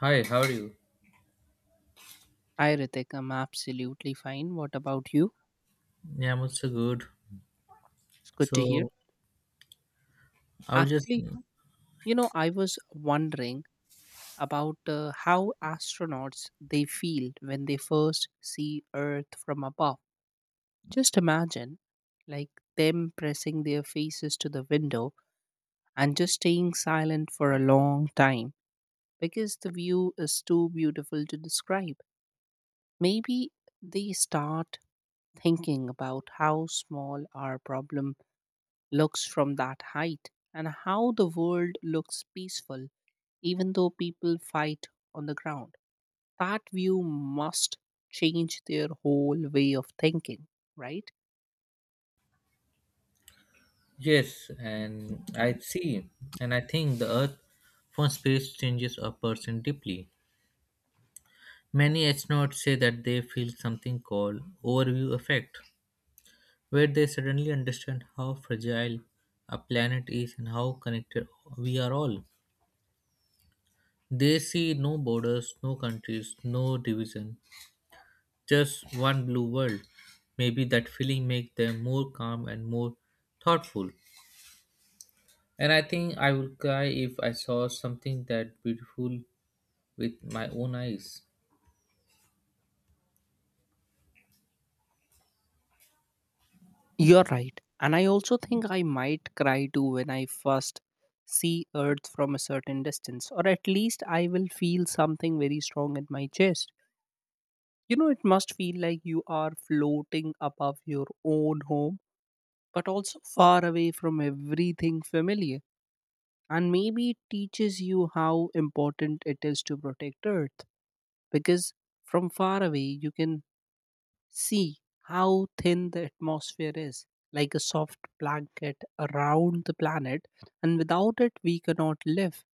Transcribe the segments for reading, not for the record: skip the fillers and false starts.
Hi, how are you? Hi Ritik, I'm absolutely fine. What about you? Yeah, I'm also good. It's good to hear. So I was just Actually, you know, I was wondering about how astronauts they feel when they first see Earth from above. Just imagine, like them pressing their faces to the window and just staying silent for a long time because the view is too beautiful to describe. Maybe they start thinking about how small our problem looks from that height and how the world looks peaceful even though people fight on the ground. That view must change their whole way of thinking, right? yes, and I see, and I think the Earth from space changes a person deeply. Many astronauts say that they feel something called overview effect, where they suddenly understand how fragile a planet is and how connected we are all. They see no borders, no countries, no division, just one blue world. Maybe that feeling makes them more calm and more thoughtful. And I think I would cry if I saw something that beautiful with my own eyes. You're right. And I also think I might cry too when I first see Earth from a certain distance, or at least I will feel something very strong in my chest. You know, it must feel like you are floating above your own home, but also far away from everything familiar, and maybe it teaches you how important it is to protect earth because from far away you can see how thin the atmosphere is, like a soft blanket around the planet, and without it we cannot live.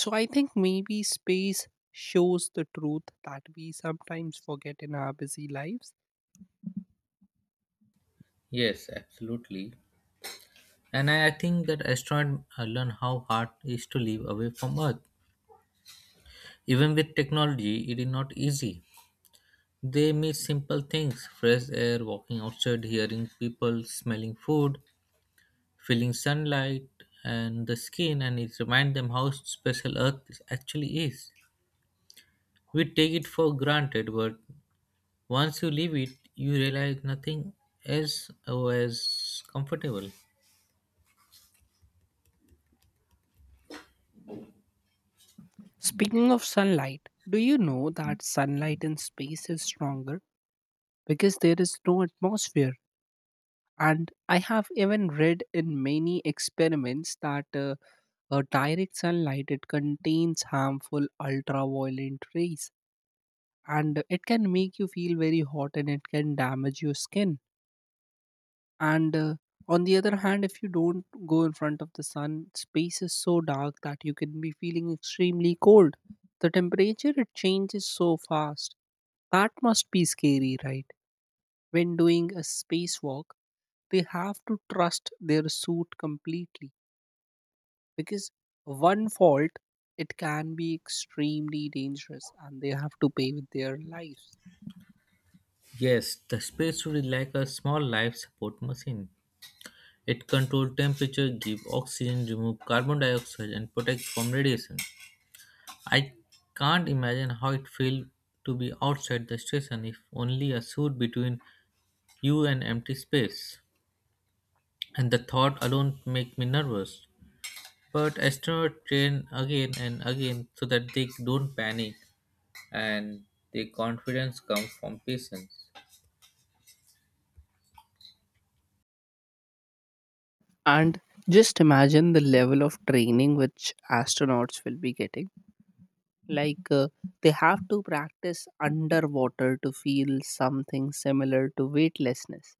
So I think maybe space shows the truth that we sometimes forget in our busy lives. Yes, absolutely. And I think that astronaut learn how hard it is to live away from Earth. Even with technology, it is not easy. They miss simple things: fresh air, walking outside, hearing people, smelling food, feeling sunlight and the skin, and it reminds them how special Earth actually is. We take it for granted, but once you leave it, you realize nothing else was comfortable. Speaking of sunlight, do you know that sunlight in space is stronger because there is no atmosphere? And I have even read in many experiments that direct sunlight it contains harmful ultraviolet rays, and it can make you feel very hot, and it can damage your skin. And On the other hand, if you don't go in front of the sun, space is so dark that you can be feeling extremely cold. The temperature it changes so fast. That must be scary, right? When doing a spacewalk, they have to trust their suit completely because one fault it can be extremely dangerous and they have to pay with their lives. Yes, the space suit is like a small life support machine. It controls temperature, gives oxygen, removes carbon dioxide, and protects from radiation. I can't imagine how it feels to be outside the station if only a suit between you and empty space. And the thought alone makes me nervous. But astronauts train again and again so that they don't panic, and the confidence comes from patience. And just imagine the level of training which astronauts will be getting, like they have to practice underwater to feel something similar to weightlessness.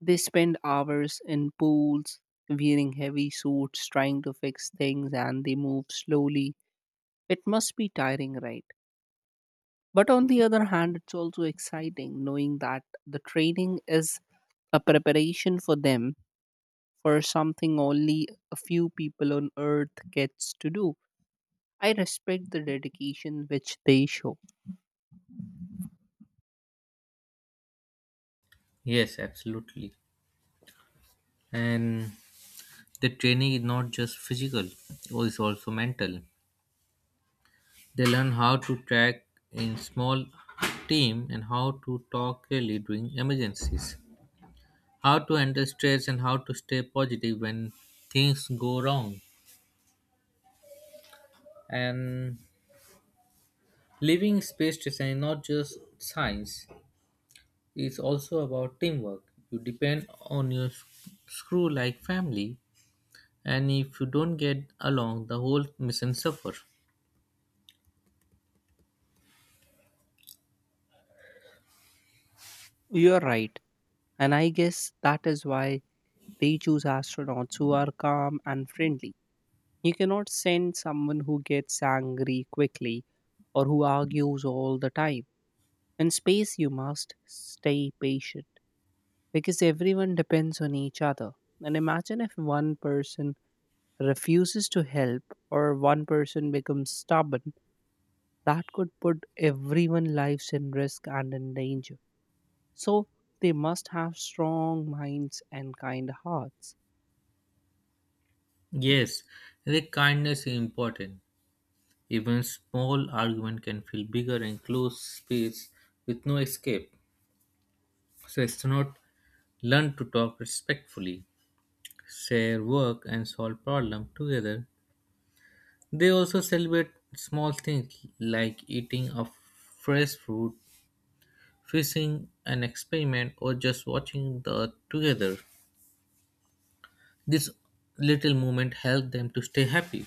They spend hours in pools wearing heavy suits trying to fix things and they move slowly. It must be tiring, right? But on the other hand, it's also exciting knowing that the training is a preparation for them for something only a few people on earth gets to do. I respect the dedication which they show. Yes, absolutely. And the training is not just physical, it's also mental. They learn how to track in small team and how to talk clearly during emergencies, how to handle stress and how to stay positive when things go wrong. And living space design is not just science, it's also about teamwork. You depend on your screw like family, and if you don't get along, the whole mission suffer. You're right. And I guess that is why they choose astronauts who are calm and friendly. You cannot send someone who gets angry quickly or who argues all the time. In space, you must stay patient because everyone depends on each other. And imagine if one person refuses to help or one person becomes stubborn, that could put everyone's lives in risk and in danger. So, they must have strong minds and kind hearts. Yes, the kindness is important. Even small argument can feel bigger in closed space with no escape, so astronaut learn to talk respectfully, share work, and solve problem together. They also celebrate small things like eating a fresh fruit, fishing an experiment, or just watching the earth together. This little moment help them to stay happy.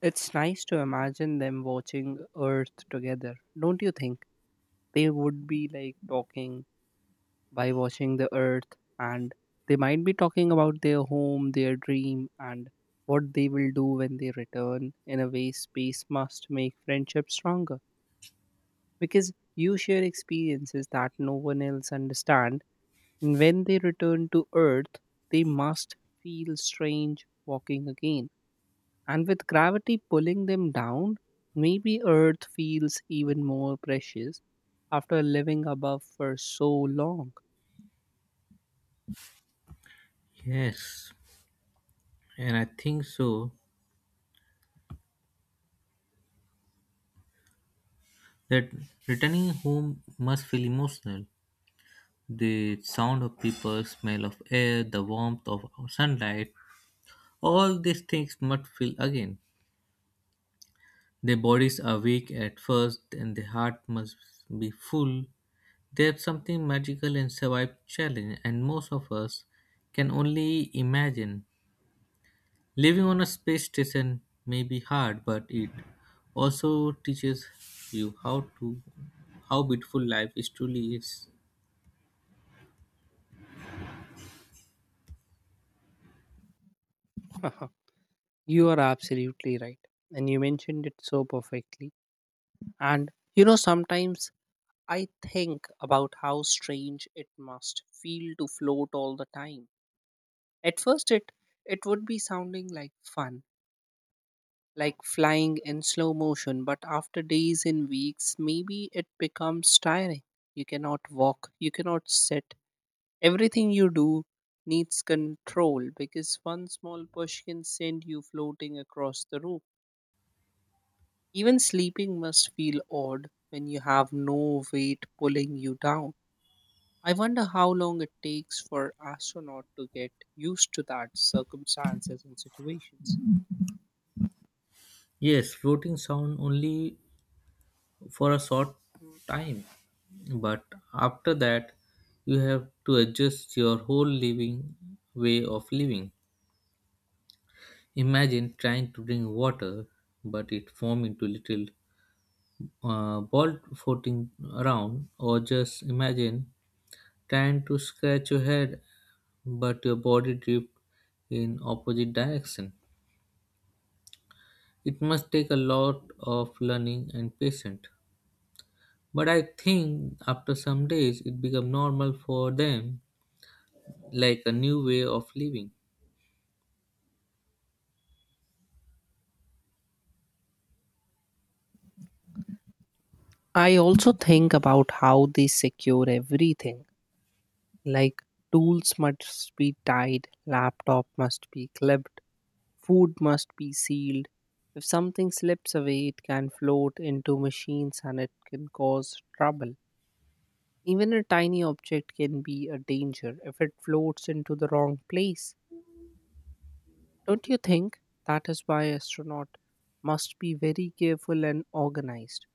It's nice to imagine them watching Earth together, don't you think? They would be like talking by watching the Earth, and they might be talking about their home, their dream, and what they will do when they return. In a way, space must make friendship stronger because you share experiences that no one else understand. And when they return to Earth, they must feel strange walking again. And with gravity pulling them down, maybe Earth feels even more precious after living above for so long. Yes, and I think so that returning home must feel emotional. The sound of people, smell of air, the warmth of sunlight, all these things must feel again. Their bodies are weak at first and the heart must be full. There's something magical in survive challenge and most of us can only imagine. Living on a space station may be hard, but it also teaches you how to how beautiful life is truly is. You are absolutely right. And you mentioned it so perfectly. And you know, sometimes I think about how strange it must feel to float all the time. At first, it would be sounding like fun, like flying in slow motion, but after days and weeks, maybe it becomes tiring. You cannot walk, you cannot sit. Everything you do needs control because one small push can send you floating across the room. Even sleeping must feel odd when you have no weight pulling you down. I wonder how long it takes for astronaut to get used to that circumstances and situations. Yes, floating sound only for a short time, but after that you have to adjust your whole living way of living. Imagine trying to drink water, but it form into little ball floating around, or just imagine trying to scratch your head but your body drift in opposite direction. It must take a lot of learning and patience. But I think after some days it become normal for them, like a new way of living. I also think about how they secure everything. Like tools must be tied, laptop must be clipped, food must be sealed. If something slips away, it can float into machines and it can cause trouble. Even a tiny object can be a danger if it floats into the wrong place. Don't you think? That is why astronaut must be very careful and organized.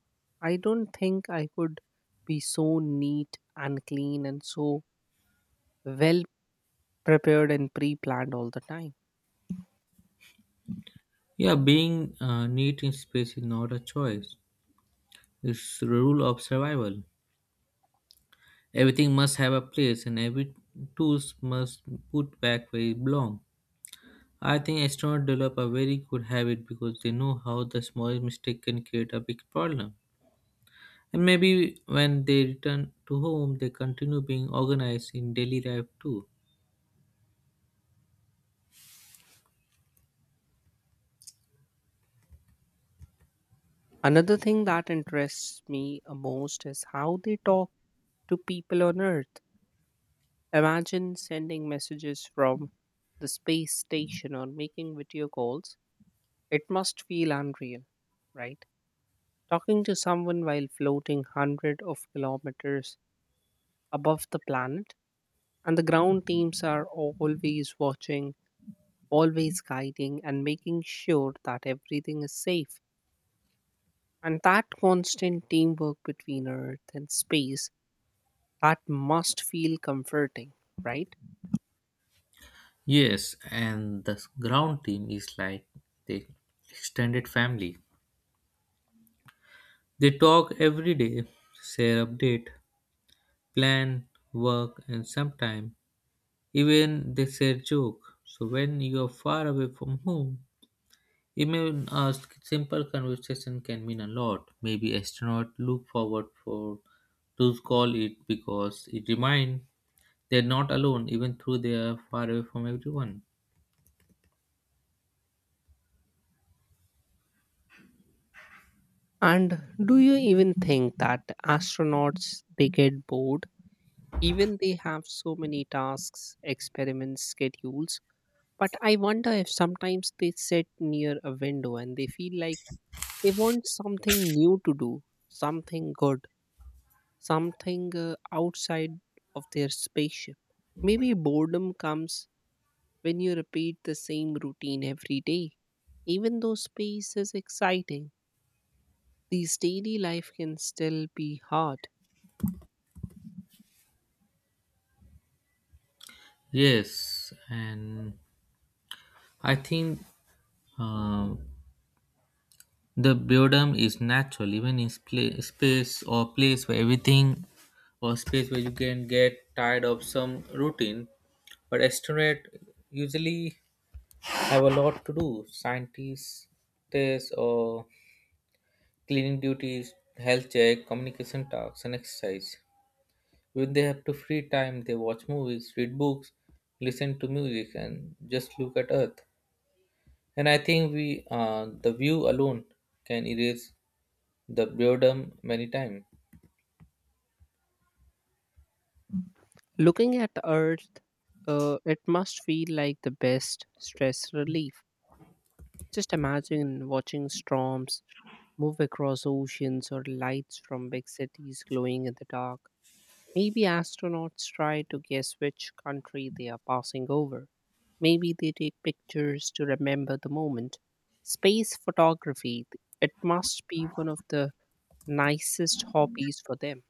I don't think I could be so neat and clean and so well prepared and pre planned all the time. Yeah, being neat in space is not a choice. It's the rule of survival. Everything must have a place and every tools must put back where it belongs. I think astronauts develop a very good habit because they know how the smallest mistake can create a big problem. And maybe when they return to home, they continue being organized in daily life too. Another thing that interests me most is how they talk to people on Earth. Imagine sending messages from the space station or making video calls. It must feel unreal, right? Talking to someone while floating hundreds of kilometers above the planet, and the ground teams are always watching, always guiding, and making sure that everything is safe. And that constant teamwork between Earth and space, that must feel comforting, right? Yes, and the ground team is like the extended family. They talk every day, share update, plan, work, and sometimes even they share joke. So when you are far away from home, even a simple conversation can mean a lot. Maybe astronaut look forward for to call it because it remind. They're not alone, even though they are far away from everyone. And do you even think that astronauts they get bored? Even they have so many tasks, experiments, schedules. But I wonder if sometimes they sit near a window and they feel like they want something new to do, something good, something outside of their spaceship. Maybe boredom comes when you repeat the same routine every day. Even though space is exciting, these daily life can still be hard. Yes, and I think uh, the boredom is natural, even in space or place where everything or space where you can get tired of some routine. But astronaut usually have a lot to do: scientists, tests, or cleaning duties, health check, communication tasks, and exercise. When they have to free time, they watch movies, read books, listen to music, and just look at Earth. And I think we, the view alone, can erase the boredom many times. Looking at Earth, it must feel like the best stress relief. Just imagine watching storms move across oceans or lights from big cities glowing in the dark. Maybe astronauts try to guess which country they are passing over. Maybe they take pictures to remember the moment. Space photography, it must be one of the nicest hobbies for them.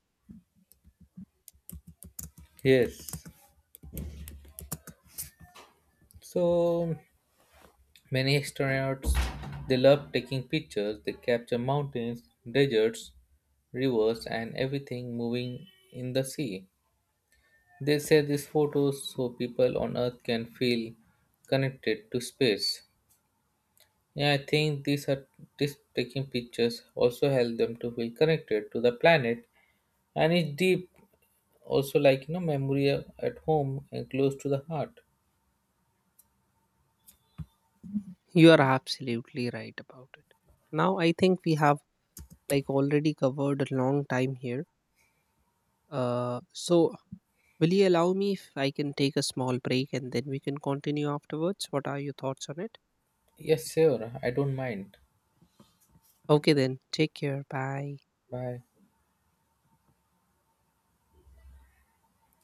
Yes. So many astronauts they love taking pictures. They capture mountains, deserts, rivers, and everything moving in the sea. They share these photos so people on Earth can feel connected to space. Yeah, I think these are just taking pictures also help them to feel connected to the planet and it's deep also like memory at home and close to the heart. You are absolutely right about it. Now I think we have like already covered a long time here. So will you allow me if I can take a small break and then we can continue afterwards? What are your thoughts on it? Yes, sure, I don't mind. Okay then, take care. Bye. Bye.